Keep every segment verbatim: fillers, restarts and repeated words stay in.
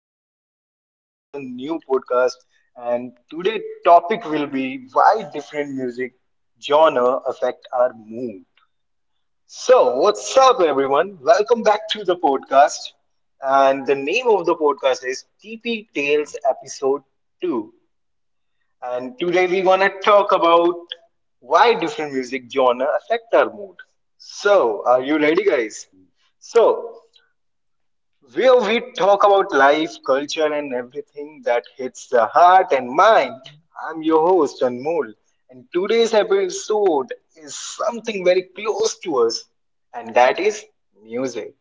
everyone, welcome to the new podcast. And today topic will be why different music genre affect our mood. So what's up everyone? Welcome back to the podcast. And the name of the podcast is T P Tales Episode two. And today we're gonna talk about why different music genre affect our mood. So are you ready guys? So where we talk about life, culture, and everything that hits the heart and mind. I'm your host, Anmol, and today's episode is something very close to us, and that is music.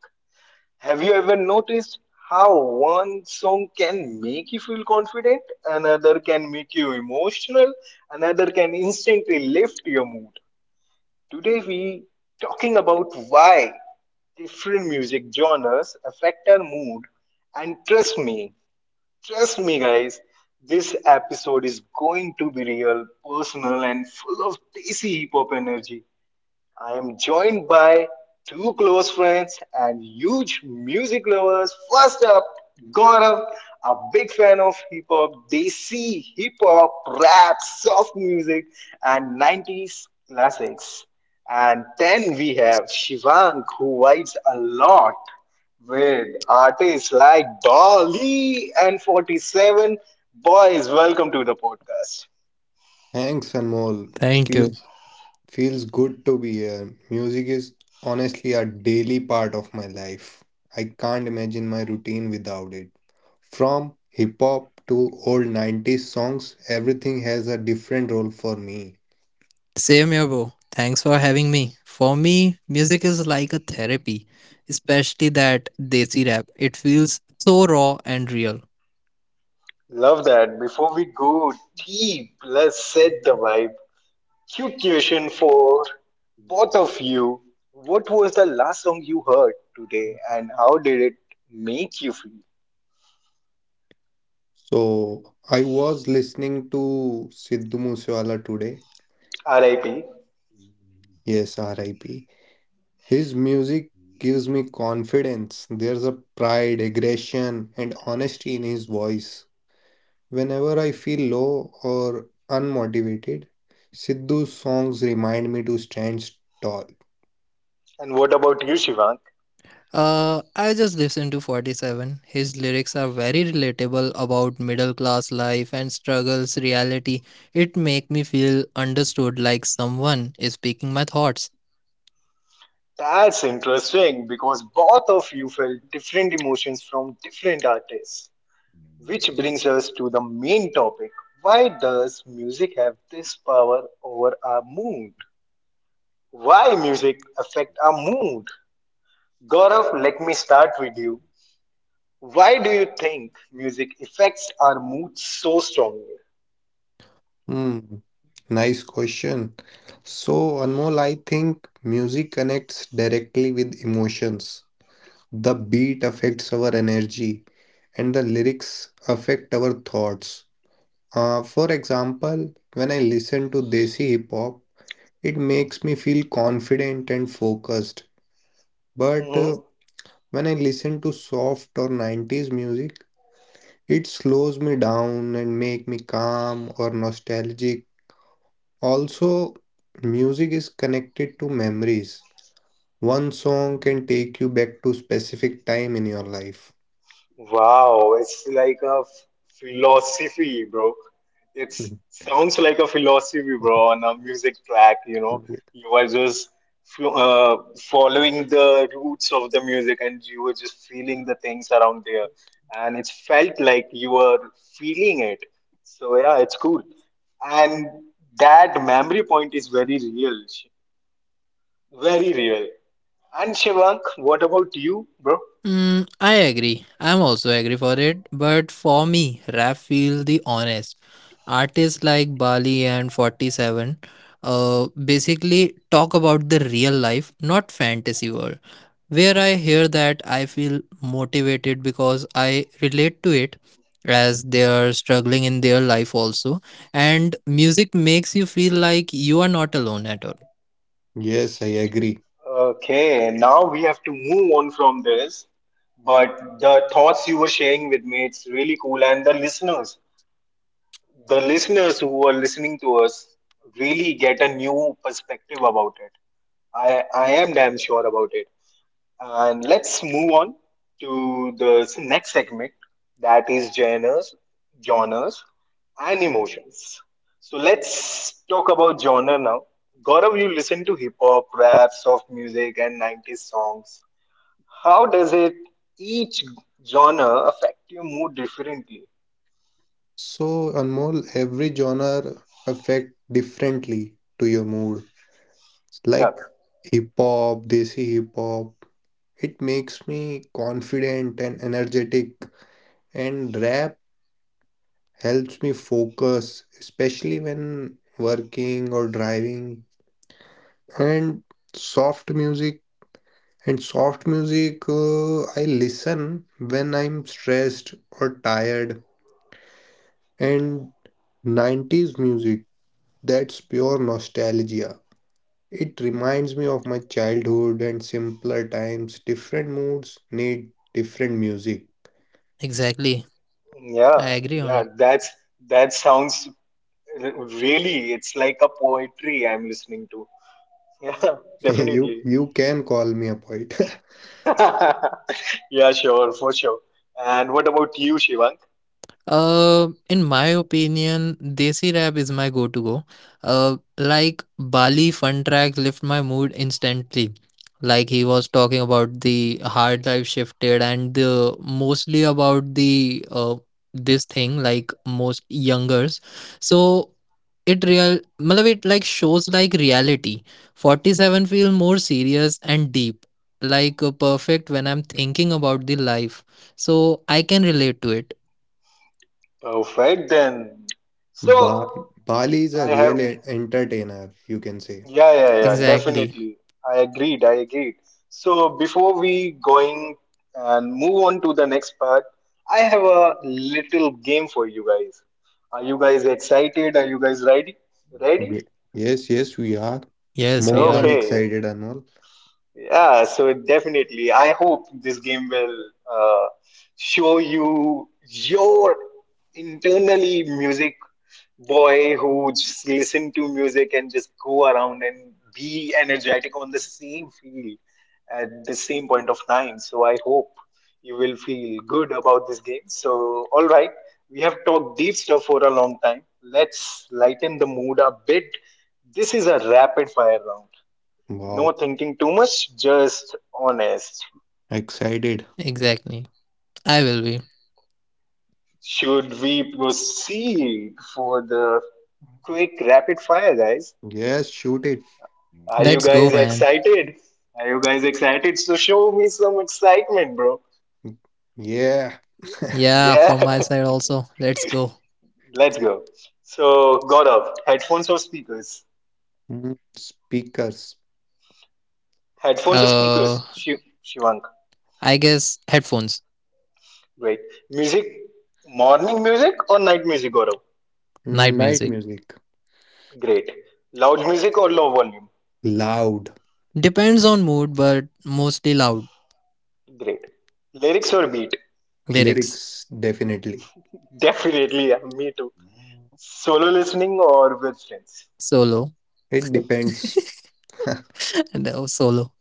Have you ever noticed how one song can make you feel confident, another can make you emotional, another can instantly lift your mood? Today, we talking about why different music genres affect our mood. And trust me, trust me, guys, this episode is going to be real, personal, and full of tasty hip hop energy. I am joined by two close friends and huge music lovers. First up, Gaurav, a big fan of hip hop, desi, hip hop, rap, soft music, and nineties classics. And then we have Shivang, who vibes a lot with artists like Dolly and forty seven. Boys, welcome to the podcast. Thanks, Anmol. Thank Feels you. feels good to be here. Music is honestly a daily part of my life. I can't imagine my routine without it. From hip hop to old nineties songs, everything has a different role for me. Same here, bro. Thanks for having me. For me, music is like a therapy, especially that desi rap. It feels so raw and real. Love that. Before we go deep, let's set the vibe. Cute question for both of you. What was the last song you heard today and how did it make you feel? So, I was listening to Sidhu Moosewala today. R I P. Yes, R I P. His music gives me confidence. There's a pride, aggression, and honesty in his voice. Whenever I feel low or unmotivated, Sidhu's songs remind me to stand tall. And what about you, Shivank? Uh, I just listened to forty seven. His lyrics are very relatable about middle class life and struggles, reality. It make me feel understood like someone is speaking my thoughts. That's interesting because both of you felt different emotions from different artists. Which brings us to the main topic. Why does music have this power over our mood? Why music affect our mood? Gaurav, let me start with you. Why do you think music affects our mood so strongly? Hmm, nice question. So, Anmol, I think music connects directly with emotions. The beat affects our energy, and the lyrics affect our thoughts. Uh, for example, when I listen to Desi hip hop, it makes me feel confident and focused. But uh, Hmm. When I listen to soft or nineties music, it slows me down and make me calm or nostalgic. Also, music is connected to memories. One song can take you back to specific time in your life. Wow, it's like a philosophy, bro. It sounds like a philosophy, bro, on a music track. You know, you are just flo- uh, following the roots of the music, and you were just feeling the things around there, and it felt like you were feeling it. So yeah, it's cool, and that memory point is very real, very real. And Shivank, what about you, bro? Mm, I agree. I'm also agree for it. But for me, rap feel the honest. Artists like Bali and forty seven uh, basically talk about the real life, not fantasy world. Where I hear that, I feel motivated because I relate to it as they are struggling in their life also. And music makes you feel like you are not alone at all. Yes, I agree. Okay, now we have to move on from this. But the thoughts you were sharing with me, it's really cool. And the listeners, the listeners who are listening to us really get a new perspective about it. I, I am damn sure about it. And let's move on to the next segment that is genres, genres and emotions. So let's talk about genre now. Gaurav, you listen to hip hop, rap, soft music, and nineties songs. How does it each genre affect your mood differently? So, Anmol, every genre affect differently to your mood. Yeah, Like hip hop, desi hip hop, it makes me confident and energetic. And rap helps me focus, especially when working or driving. And soft music, and soft music, uh, I listen when I'm stressed or tired. And nineties music, that's pure nostalgia. It reminds me of my childhood and simpler times. Different moods need different music. Exactly. yeah, I agree on yeah. it. That's that sounds r- really. It's like a poetry I'm listening to. Yeah, You definitely. you can call me a poet. Yeah, sure, for sure. And what about you, Shivang? Uh, in my opinion, desi rap is my go to go. Uh, like Bali Fun Track lift my mood instantly. Like he was talking about the hard life shifted and the mostly about the uh this thing like most youngers. So it real, मतलब it like shows like reality. Forty seven feel more serious and deep. Like uh, perfect when I'm thinking about the life. So I can relate to it. Perfect then. So Ba Bali is I a have, real e- entertainer, you can say. yeah, yeah, yeah, Exactly. definitely. I agreed, I agreed. So before we going and move on to the next part, I have a little game for you guys. Are you guys excited? Are you guys ready? Ready? Ye- Yes, yes, we are Yes, we more than are. Okay. excited, Anmol. Yeah, so definitely. I hope this game will uh, show you your internally music boy who just listen to music and just go around and be energetic on the same field at the same point of time. So I hope you will feel good about this game. So, all right, we have talked deep stuff for a long time. Let's lighten the mood a bit. This is a rapid fire round. No Wow, thinking too much, just honest. excited. Exactly. I will be. Should we proceed for the quick rapid fire, guys? Yes, shoot it. Are you Let's go, guys man. excited? Are you guys excited? So show me some excitement, bro. Yeah, Yeah, Yeah, from my side also. Let's go. let's go. So, Gaurav, headphones or speakers? Mm, speakers. Headphones or Uh, speakers? Shiv Shivank. I guess headphones, Great. Music, morning music or night music, Gaurav? night Mm, night music. music. Great. Loud music or low volume? Loud. Depends on mood, but mostly loud. Great. Lyrics or beat? Lyrics, Lyrics, definitely. Definitely, yeah, me too. Solo listening or with friends. solo, It depends. and uh, solo.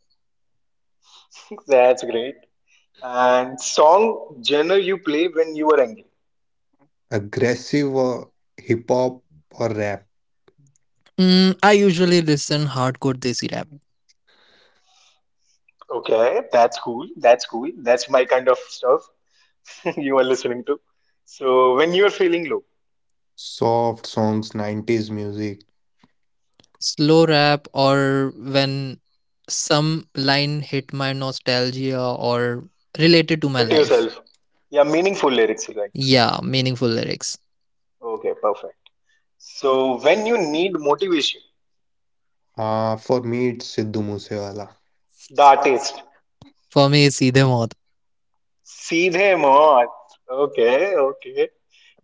That's great. And song genre you play when you are angry. Aggressive or hip hop or rap. Mm, I usually listen hardcore desi rap, Okay, that's cool. That's cool. That's my kind of stuff you are listening to. So when you are feeling low, Soft songs, nineties music. slow rap, or when some line hit my nostalgia or related to my hit life. yourself. Yeah, meaningful lyrics you like. Yeah, meaningful lyrics. Okay, perfect. So when you need motivation, Ah, for me, it's Sidhu Moosewala. the artist. For me, it's either. Seedhe Mohat. Okay, okay.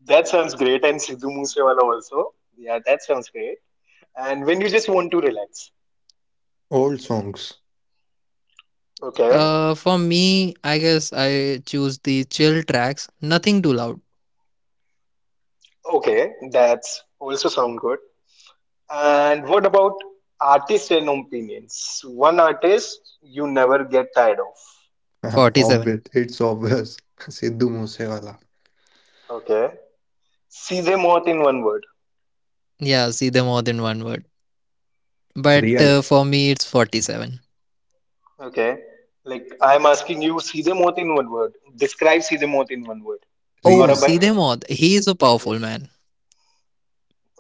That sounds great. And Sidhu Moosewala also. Yeah, that sounds great. And when you just want to relax. Old songs. Okay, Uh, for me, I guess I choose the chill tracks, nothing too loud. okay, that's also sound good. And what about artists' and opinions? One artist you never get tired of. forty seven. Offbeat, it's obvious. Sidhu Moosewala. Okay, see them all in one word. Yeah, see them more than one word. But Like Real, uh, For me, it's forty seven. okay, like I'm asking you, see them all in one word. Describe see them all in one word. Oh, Gaurav real. bhai? see them all. He is a Yes. powerful man.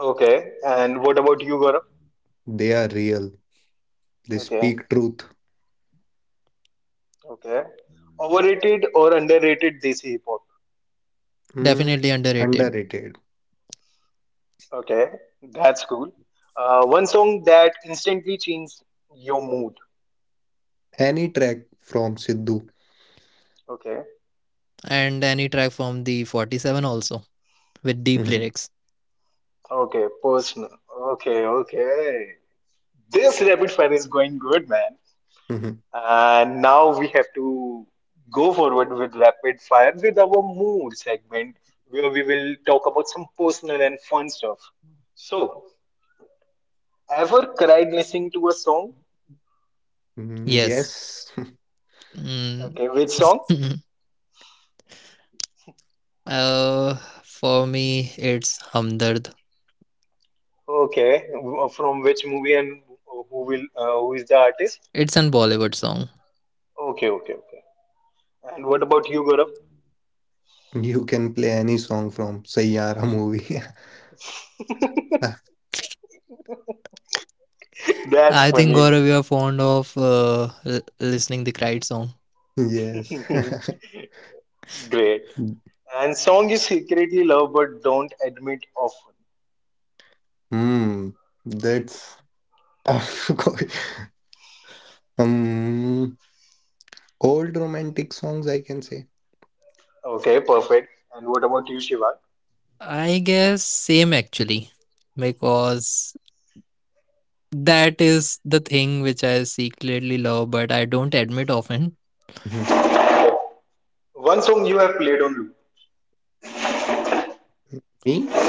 Okay, and what about you, Gaurav? They are real. They Okay, speak truth. okay. Overrated or underrated Desi hip hop? Definitely Mm, underrated. Underrated. Okay, that's cool. Uh, one song that instantly changed your mood. Any track from Sidhu. Okay, And any track from the forty seven also, with deep Mhm, lyrics. okay, personal. Okay, okay. This rapid fire is going good, man. mhm. And now we have to go forward with rapid fire with our mood segment, where we will talk about some personal and fun stuff. So, ever cried listening to a song? Mm, Yes. yes. Mm. Okay, which song? uh, for me, it's Hamdard. Okay, w- from which movie and who will uh, who is the artist? It's an Bollywood song. Okay, okay, okay. And what about you, Gaurav? You can play any song from Sayyara movie. That's I think funny. Gaurav, you are fond of uh, l- listening the cried song. Yes. Great. And song you secretly love but don't admit often. Hmm. That's tough. Um, Old romantic songs, I can say. Okay, perfect. And what about you, Shiva? I guess same actually, because that is the thing which I secretly love, but I don't admit often. Mhm. One song you have played on loop. Me?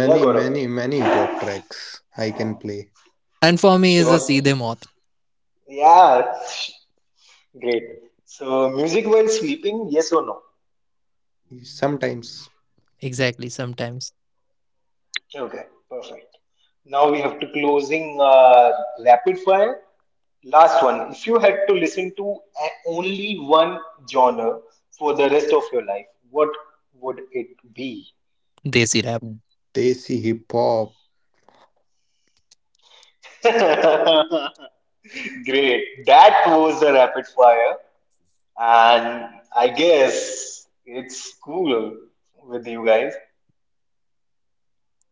Yeah, Gaurav. many, many hip hop tracks I can play. And for me, is Shiva. a see them moth. Yeah. Great. So, music while sleeping, yes or no? Sometimes Exactly, sometimes Okay, perfect. Now we have to closing uh, rapid fire. Last one. If you had to listen to only one genre for the rest of your life, what would it be? desi rap. desi hip hop. Great. That was the rapid fire. And I guess it's cool with you guys.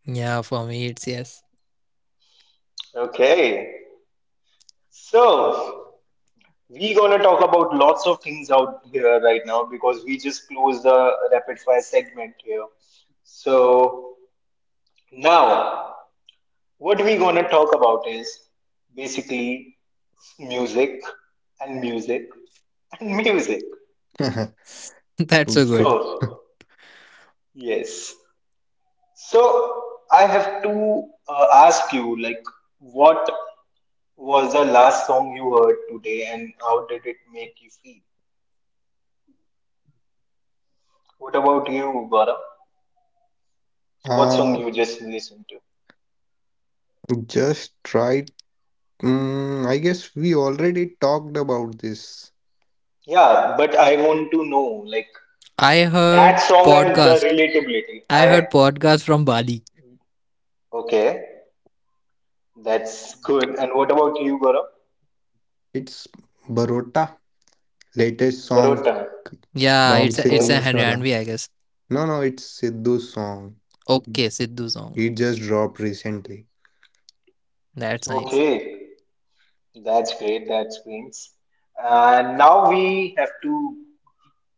Yeah, for me, it's yes. Okay. So we're gonna talk about lots of things out here right now because we just closed the rapid fire segment here. So now what we gonna talk about is basically music and music and music. That's so Okay. good. So yes, so I have to uh, ask you like what was the last song you heard today and how did it make you feel? What about you, Gaurav? What song Uh, you just listened to? just try. Mm, I guess we already talked about this. Yeah, but I want to know like I that heard song and the podcast. relatability. I I heard podcast from Bali. okay, that's good. And what about you, Gaurav? It's Barota, latest song Barotan. Yeah, from it's a, Sidhu it's a Okay. Moosewala. Haryanvi, I guess. No, no, it's Sidhu's song. Okay, Sidhu song. He just dropped recently. That's nice. Okay. That's great. That's great. And now we have to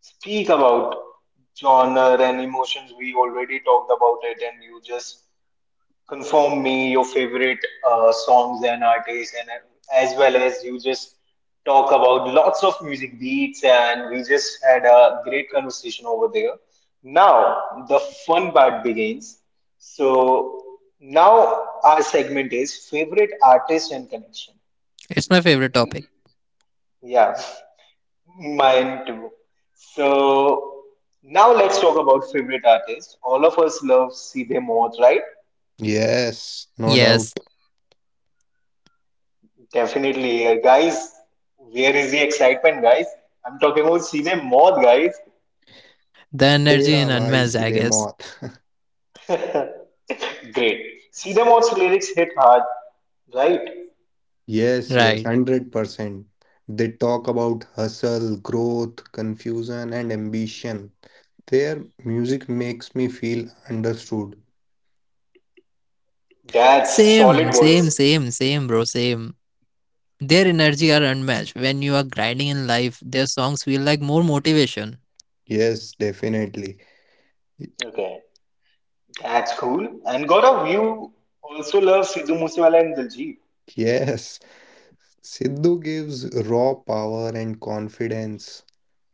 speak about genre and emotions. We already talked about it, and you just confirm me your favorite uh, songs and artists and as well as you just talk about lots of music beats and we just had a great conversation over there. Now the fun part begins. So now our segment is favorite artist and connection. It's my favorite topic. Yeah, mine too. So now let's talk about favorite artists all of us love see Moth, right? Yes, no Yes, doubt. Definitely, uh, guys. Where is the excitement, guys? I'm talking about Seethe Moth, guys. the energy Tera in bhai unmatched, I sidhe guess. maut. Great. Seethe Moth's lyrics hit hard, right? Yes, yes, Right. one hundred percent. They talk about hustle, growth, confusion, and ambition. Their music makes me feel understood. That's Same, solid words. same, same, same, bro, same. Their energy are unmatched. When you are grinding in life, their songs feel like more motivation. Yes, definitely. Y- Okay, that's cool. And Gaurav, you also love Sidhu Moosewala and Diljit. Yes. Sidhu gives raw power and confidence.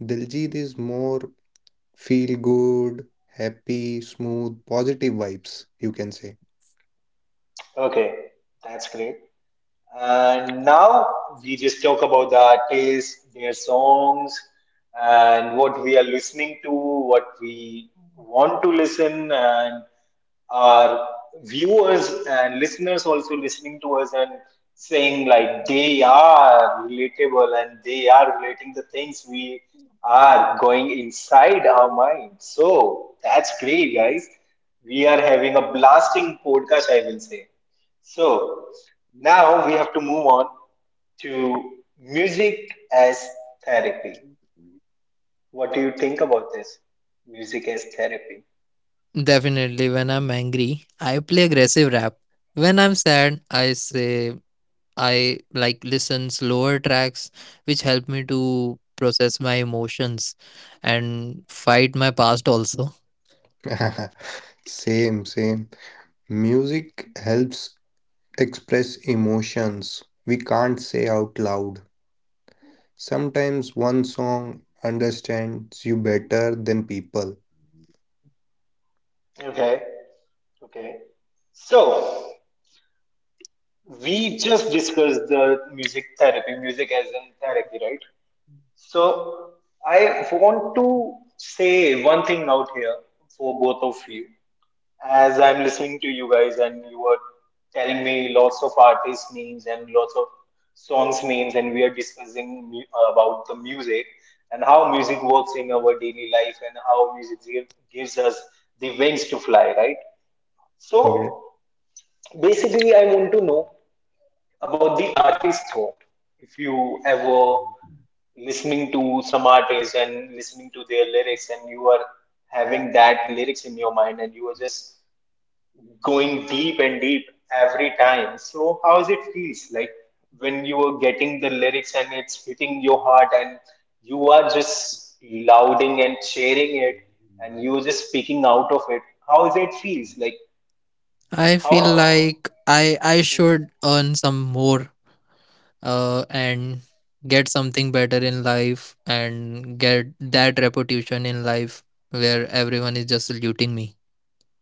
Diljit is more feel good, happy, smooth, positive vibes, you can say. Okay, that's great. And now we just talk about the artists, their songs, and what we are listening to, what we want to listen, and our viewers and listeners also listening to us and saying like they are relatable and they are relating the things we are going inside our mind. So that's great, guys. We are having a blasting podcast, I will say. So now we have to move on to music as therapy. What do you think about this? Music as therapy. Definitely, when I'm angry, I play aggressive rap. When I'm sad, I say I like listen slower tracks, which help me to process my emotions and fight my past also. Same, same. Music helps express emotions we can't say out loud. Sometimes one song understands you better than people. Okay. Okay. So we just discussed the music therapy, music as in therapy, right? So I want to say one thing out here for both of you as I'm listening to you guys and you were telling me lots of artist names and lots of songs names and we are discussing mu- about the music and how music works in our daily life and how music gi- gives us the wings to fly, right? Yeah. So basically, I want about the artist thought. If you ever listening to some artists and listening to their lyrics and you are having that lyrics in your mind and you are just going deep and deep every time. So how is it feels like when you are getting the lyrics and it's hitting your heart and you are just louding and sharing it and you're just speaking out of it. How is it feels like? I feel How? like I I should earn some more uh and get something better in life and get that reputation in life where everyone is just saluting me.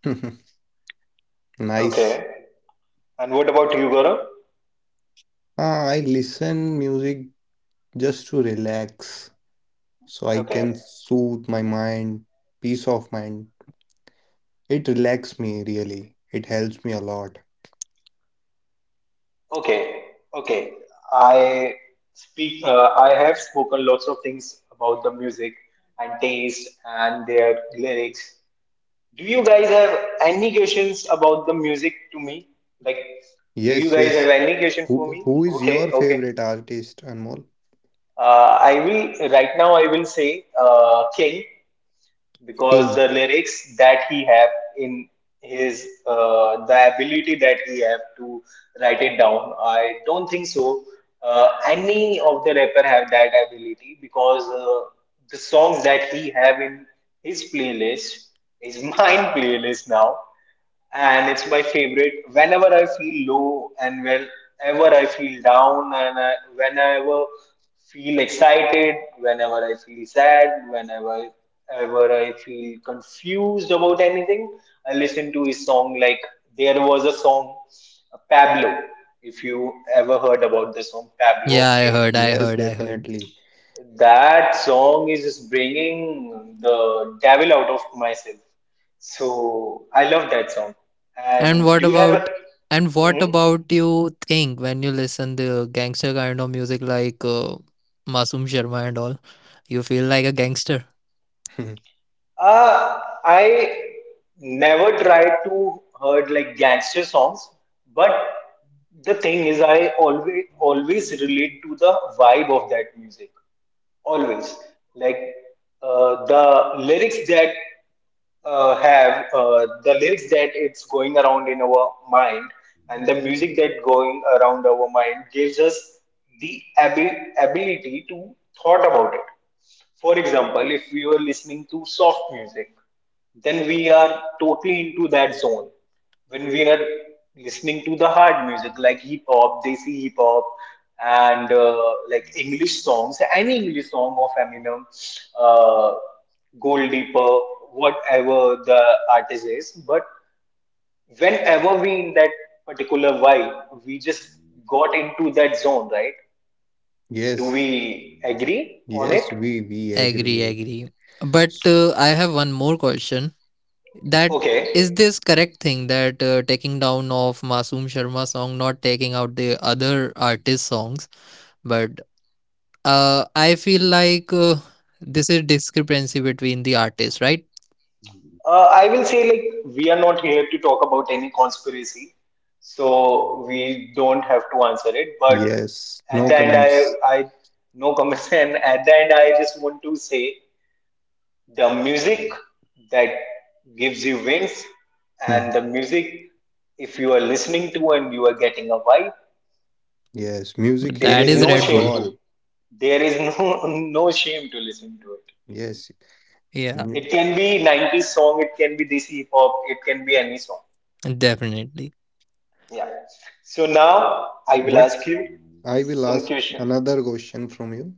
Okay. Nice. And what about you, Gaurav? Ah, I listen music just to relax so I can Okay. soothe my mind, peace of mind. It relaxes me really. It helps me a lot. Okay. Okay. I speak. Uh, I have spoken lots of things about the music and taste and their lyrics. Do you guys have any questions about the music to me? Like, do you Yes, guys have yes. any question for Who, me? who is Okay, your okay. favorite artist, Anmol? Uh, I will right now. I will say uh, King because King. the lyrics that he have in his uh, the ability that he have to write it down. I don't think so. Uh, any of the rapper have that ability because uh, the song that he have in his playlist is mine playlist now and it's my favorite. Whenever I feel low and whenever I feel down and I, whenever feel excited, whenever I feel sad, whenever ever I feel confused about anything, I listen to his song. Like there was a song, Pablo. If you ever heard about the song Pablo of Yeah, I King, heard, I Yes, heard, I heard. definitely. that song is just bringing the devil out of myself. So I love that song. And And what do you have about a? and what Hmm? about you think when you listen the gangster kind of music like uh, Masum Sharma and all? You feel like a gangster? Uh, I never tried to heard like gangster songs, but the thing is, I always always relate to the vibe of that music. Always like uh, the lyrics that uh, have uh, the lyrics that it's going around in our mind and the music that going around our mind gives us the abi- ability to thought about it. For example, if we were listening to soft music, then we are totally into that zone. When we are listening to the hard music like hip hop, desi hip hop, and uh, like English songs, any English song of Eminem, uh, Gold Deeper, whatever the artist is. But whenever we in that particular vibe, we just got into that zone, right? Do Yes. we agree on it? Yes, we we Agree, agree. agree. But uh, I have one more question. That Okay. is this correct thing that uh, taking down of Masoom Sharma song, not taking out the other artist songs, but uh, I feel like uh, this is discrepancy between the artists, right? Uh, I will say, like, we are not here to talk about any conspiracy, so we don't have to answer it. But Yes, at no the end, comments. I, I no comments, and at the end, I just want to say the music that gives you wings, Hmm. and the music, if you are listening to and you are getting a vibe, Yes, music But there that is heals is no your Red shame Bull. to. soul. There is no no shame to listen to it. Yes. Yeah, Mu- It can be nineties song, it can be this hip hop, it can be any song. definitely. Yeah. So now I will What ask you I will some ask questions. another question from you.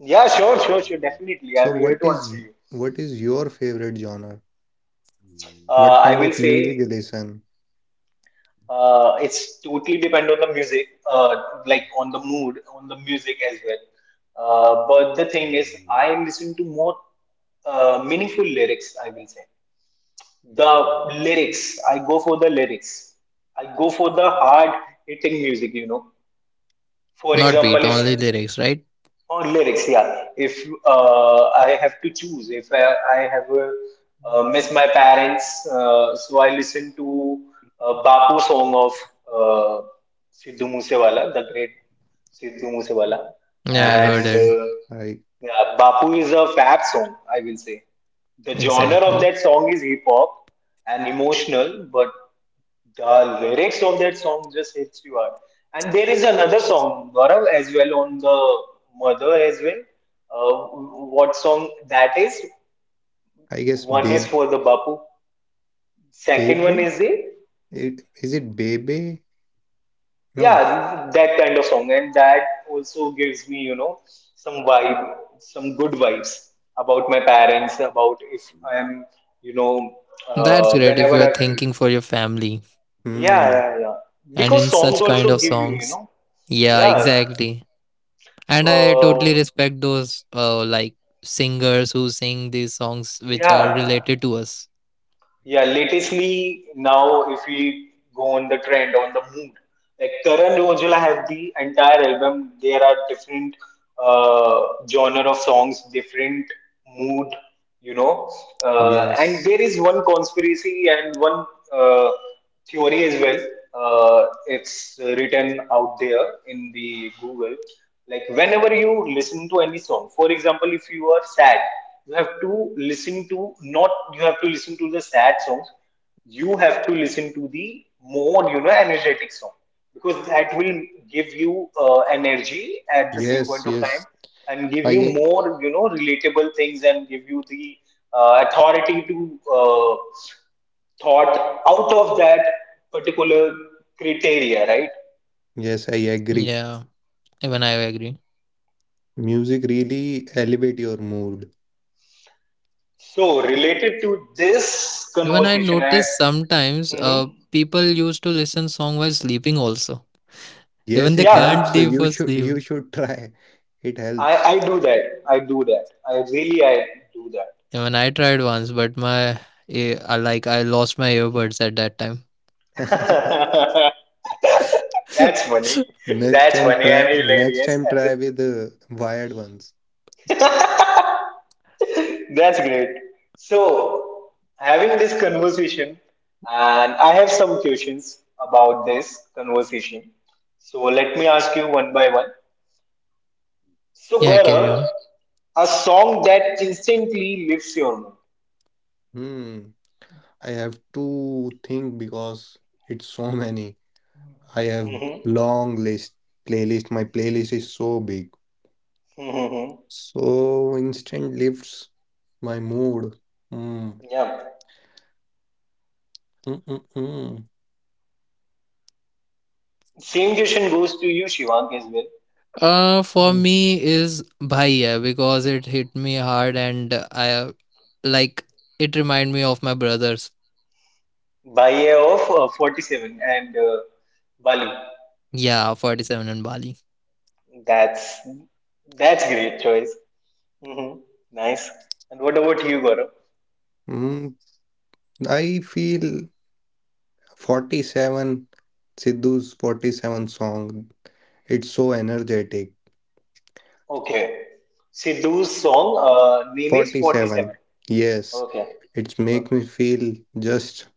Yeah, sure, sure, sure. Definitely, So I'm here what to is answer y- you. what is your favorite genre? Uh, What I kind will of music you say listen? uh, it's totally depend on the music, uh, like on the mood, on the music as well. Uh, but the thing is, I listen to more uh, meaningful lyrics. I will say the lyrics. I go for the lyrics. I go for the hard hitting music. You know. For Not example, beat, if. only lyrics, right? Or lyrics, yeah. If uh, I have to choose, if I, I have uh, uh, miss my parents, uh, so I listen to uh, Bapu song of uh, Sidhu Moosewala, the great Sidhu Moosewala, Yeah, I heard and Yes. it. uh, I yeah, Bapu is a fab song, I will say. The genre of Exactly. that song is hip hop and emotional, but the lyrics of that song just hits you hard. And there is another song, Gaurav, as well on the mother as well. Uh, what song that is? I guess One is babe. for the Bapu. Second one Bebe? is the It, is it Bebe? No. yeah that kind of song, and that also gives me, you know, some vibe, some good vibes about my parents, about if I am, you know, That's uh, great if whenever you are I feel, thinking for your family yeah Hmm. yeah yeah, and because in songs such kind also of give you, you songs. know, Yeah, yeah. exactly. And I Uh, totally respect those uh, like singers who sing these songs which are Yeah, related to us. yeah. Latestly, now if we go on the trend, on the mood, like Karan Rojala have the entire album. There are different uh, genre of songs, different mood, you know. Uh, and Yes. there is one conspiracy and one uh, theory as well. Uh, it's written out there in the Google. Like whenever you listen to any song, for example, if you are sad, you have to listen to, not you have to listen to the sad songs. You have to listen to the more, you know, energetic song because that will give you uh, energy at the same Yes, point of time yes. and give I you ag- more, you know, relatable things and give you the uh, authority to uh, thought out of that particular criteria, right? yes, I agree. Yeah, even I agree. Music really elevate your mood. So, related to this Even I conversation, I, notice sometimes hmm, uh, people used to listen song while sleeping also. Yes, Even they it can't helps. yeah, leave You for should sleep. you should try. It I, helps. I do that. I do that. I really, I do that. Even I tried once, but my eh, I like I lost my earbuds at that time. That's funny. Next That's time funny and try next hilarious time at this. try with the wired ones. That's great. So, having this conversation, and I have some questions about this conversation. So, let me ask you one by one. So, yeah, carry Gaurav, on. a song that instantly lifts your mood. Hmm. I have to think because it's so many. I have Mm-hmm. long list playlist. My playlist is so big. Mm-hmm. So instant lifts my mood. Hmm. Yeah. Mm-mm-mm. Mm. Same question goes to you, Shivang as well. Uh, for Mm. me is Bhaiya because it hit me hard and I uh, like it remind me of my brothers. By of uh, forty seven and uh, Bali. Yeah, forty seven and Bali. That's that's great choice. Mm-hmm. Nice. And what about you, Gaurav? Hmm. Hmm. I feel forty seven, Sidhu's forty seven song. It's so energetic. Okay. Sidhu's song uh, name is forty seven. forty seven. Yes, Okay. it make Perfect. me feel just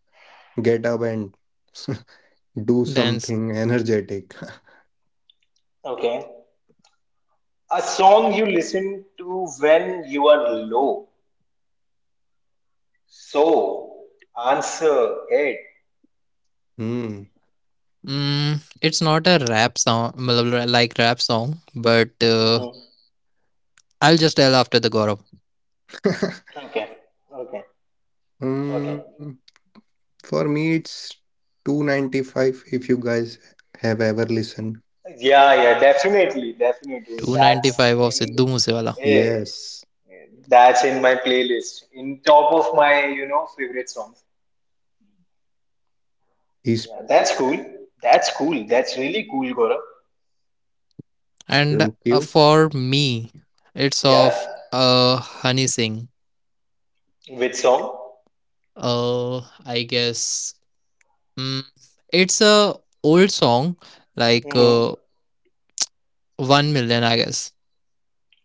get up and do Dance. something energetic. Okay. A song you listen to when you are low. So answer it. Hmm. Mm, it's not a rap song, matlab like rap song, but uh, Hmm. I'll just tell after the Gaurav. Okay. Okay. Okay. Hmm. For me, it's two ninety five if you guys have ever listened. Yeah, yeah, definitely, definitely. That's two ninety-five of in Sidhu Moosewala. eh, Yes, that's in my playlist. In top of my, you know, favorite songs. he's Yeah, that's cool. That's cool. That's really cool, Gaurav. And thank uh, you. For me, it's Yeah. of uh, Honey Singh. Which song? Uh, I guess mm, it's a old song, like Mm-hmm. uh, one million, I guess.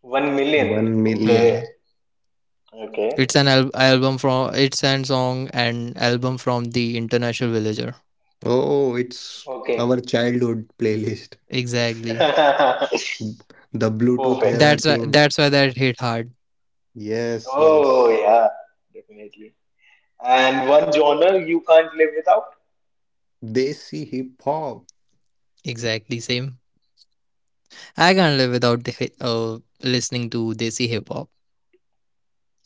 One million. 1 million. Okay. Mm. Okay. It's an al- album from, it's an song and album from the International Villager. Oh, it's our Okay. childhood playlist. Exactly. Perfect. The Bluetooth era That's why king. that's why that hit hard. Yes, Oh yes. yeah, definitely. And one genre you can't live without? Desi hip hop. Exactly same. I can't live without the, hi- uh, listening to desi hip hop.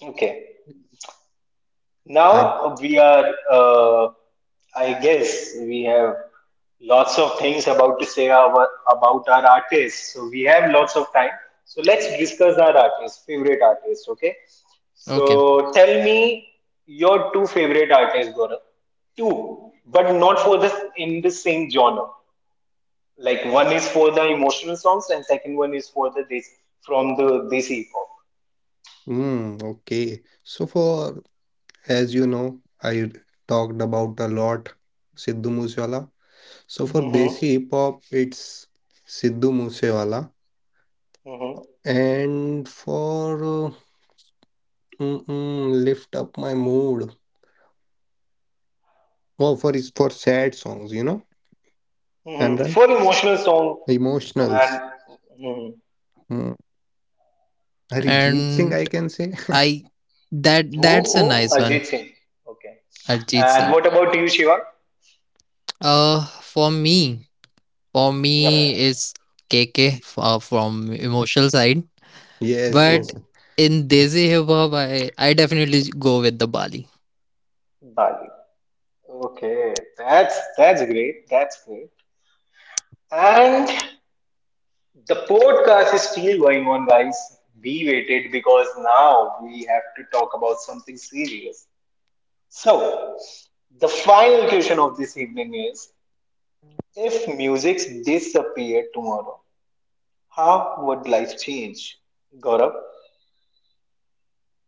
Okay. I Now we are, uh, I guess, we have lots of things about to say our, about our artists. So we have lots of time. So let's discuss our artists, favorite artists. Okay. Okay, So tell me your two favorite artists, Gaurav. Two, but not for the in the same genre. Like one is for the emotional songs, and second one is for the this from the this hip hop. mm, okay. So for as you know, I talked about a lot Sidhu Moosewala. So for Desi Mm-hmm. hip hop, it's Sidhu Moosewala. Mm-hmm. And for uh, mm, mm, lift up my mood. Oh, for is for sad songs, you know. I'm Mm-hmm. right. For emotional song, Emotionals. and hmm, Mm. Arijit Singh, and I can say. I, that who? that's a Who? nice one, Ajit Singh. Okay. Arjit And Singh. what about you, Shiva? Uh, for me, for Yep. me is K K uh, from emotional side, Yes, Mm-hmm. but yes. in desi hip hop, I I definitely go with the Bali. Bali. Okay, that's that's great. That's great. And the podcast is still going on, guys. We waited because now we have to talk about something serious. So, the final question of this evening is: if music disappeared tomorrow, how would life change? Gaurav.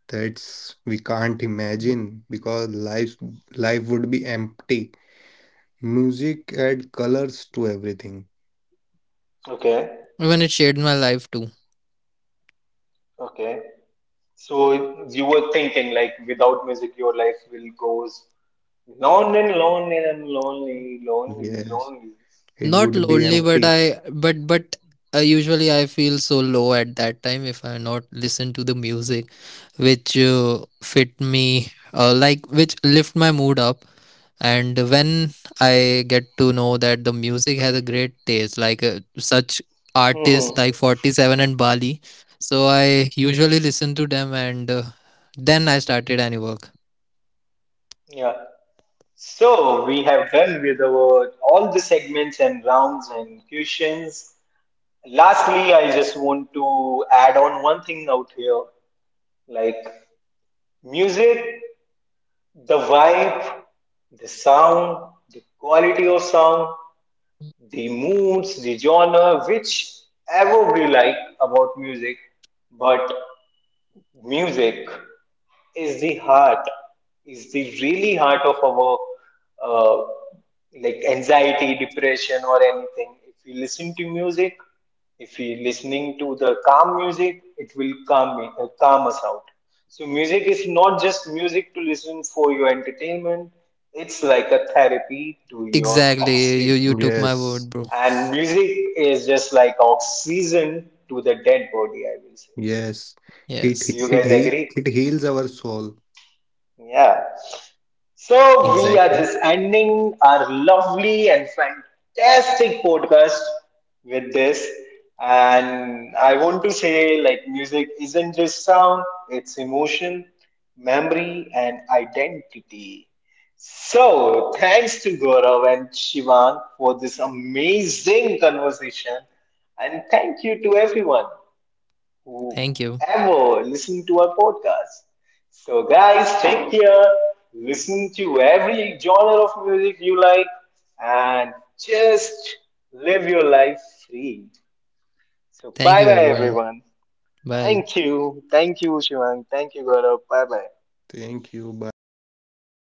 That's we can't imagine because life life would be empty. Music add colors to everything. Okay. Even it shaped my life too. Okay. So you were thinking like without music your life will goes lonely and lonely and lonely, lonely, Yes, lonely. it Not would be lonely, but empty. I but but uh, usually I feel so low at that time if I not listen to the music which uh, fit me uh, like which lift my mood up. And when I get to know that the music has a great taste, like uh, such Mhm. artists like forty seven and Bali, so I usually listen to them and uh, then I started any work. Yeah. So we have done with our all the segments and rounds and questions. Lastly, I just want to add on one thing out here, like music, the vibe, the sound, the quality of sound, the moods, the genre, whichever we like about music. But music is the heart, is the really heart of our uh, like anxiety, depression, or anything. If we listen to music, if we listening to the calm music, it will calm me, uh, calm us out. So music is not just music to listen for your entertainment. It's like a therapy to your Exactly. You oxygen. you took my Yes, word, bro. And music is just like oxygen to the dead body, I will say. yes. It Do Yes, you it guys heal, agree? it heals our soul. Yeah. So we are exactly. just ending our lovely and fantastic podcast with this. And I want to say, like, music isn't just sound, it's emotion, memory, and identity. So thanks to Gaurav and Shivang for this amazing conversation. And thank you to everyone. Thank you. Whoever listening to our podcast. So, guys, take care. Listen to every genre of music you like and just live your life free. So, Thank bye you, bye, everyone. everyone. Bye. Thank you. Thank you, Shivang. Thank you, Gaurav. Bye bye. Thank you. Bye.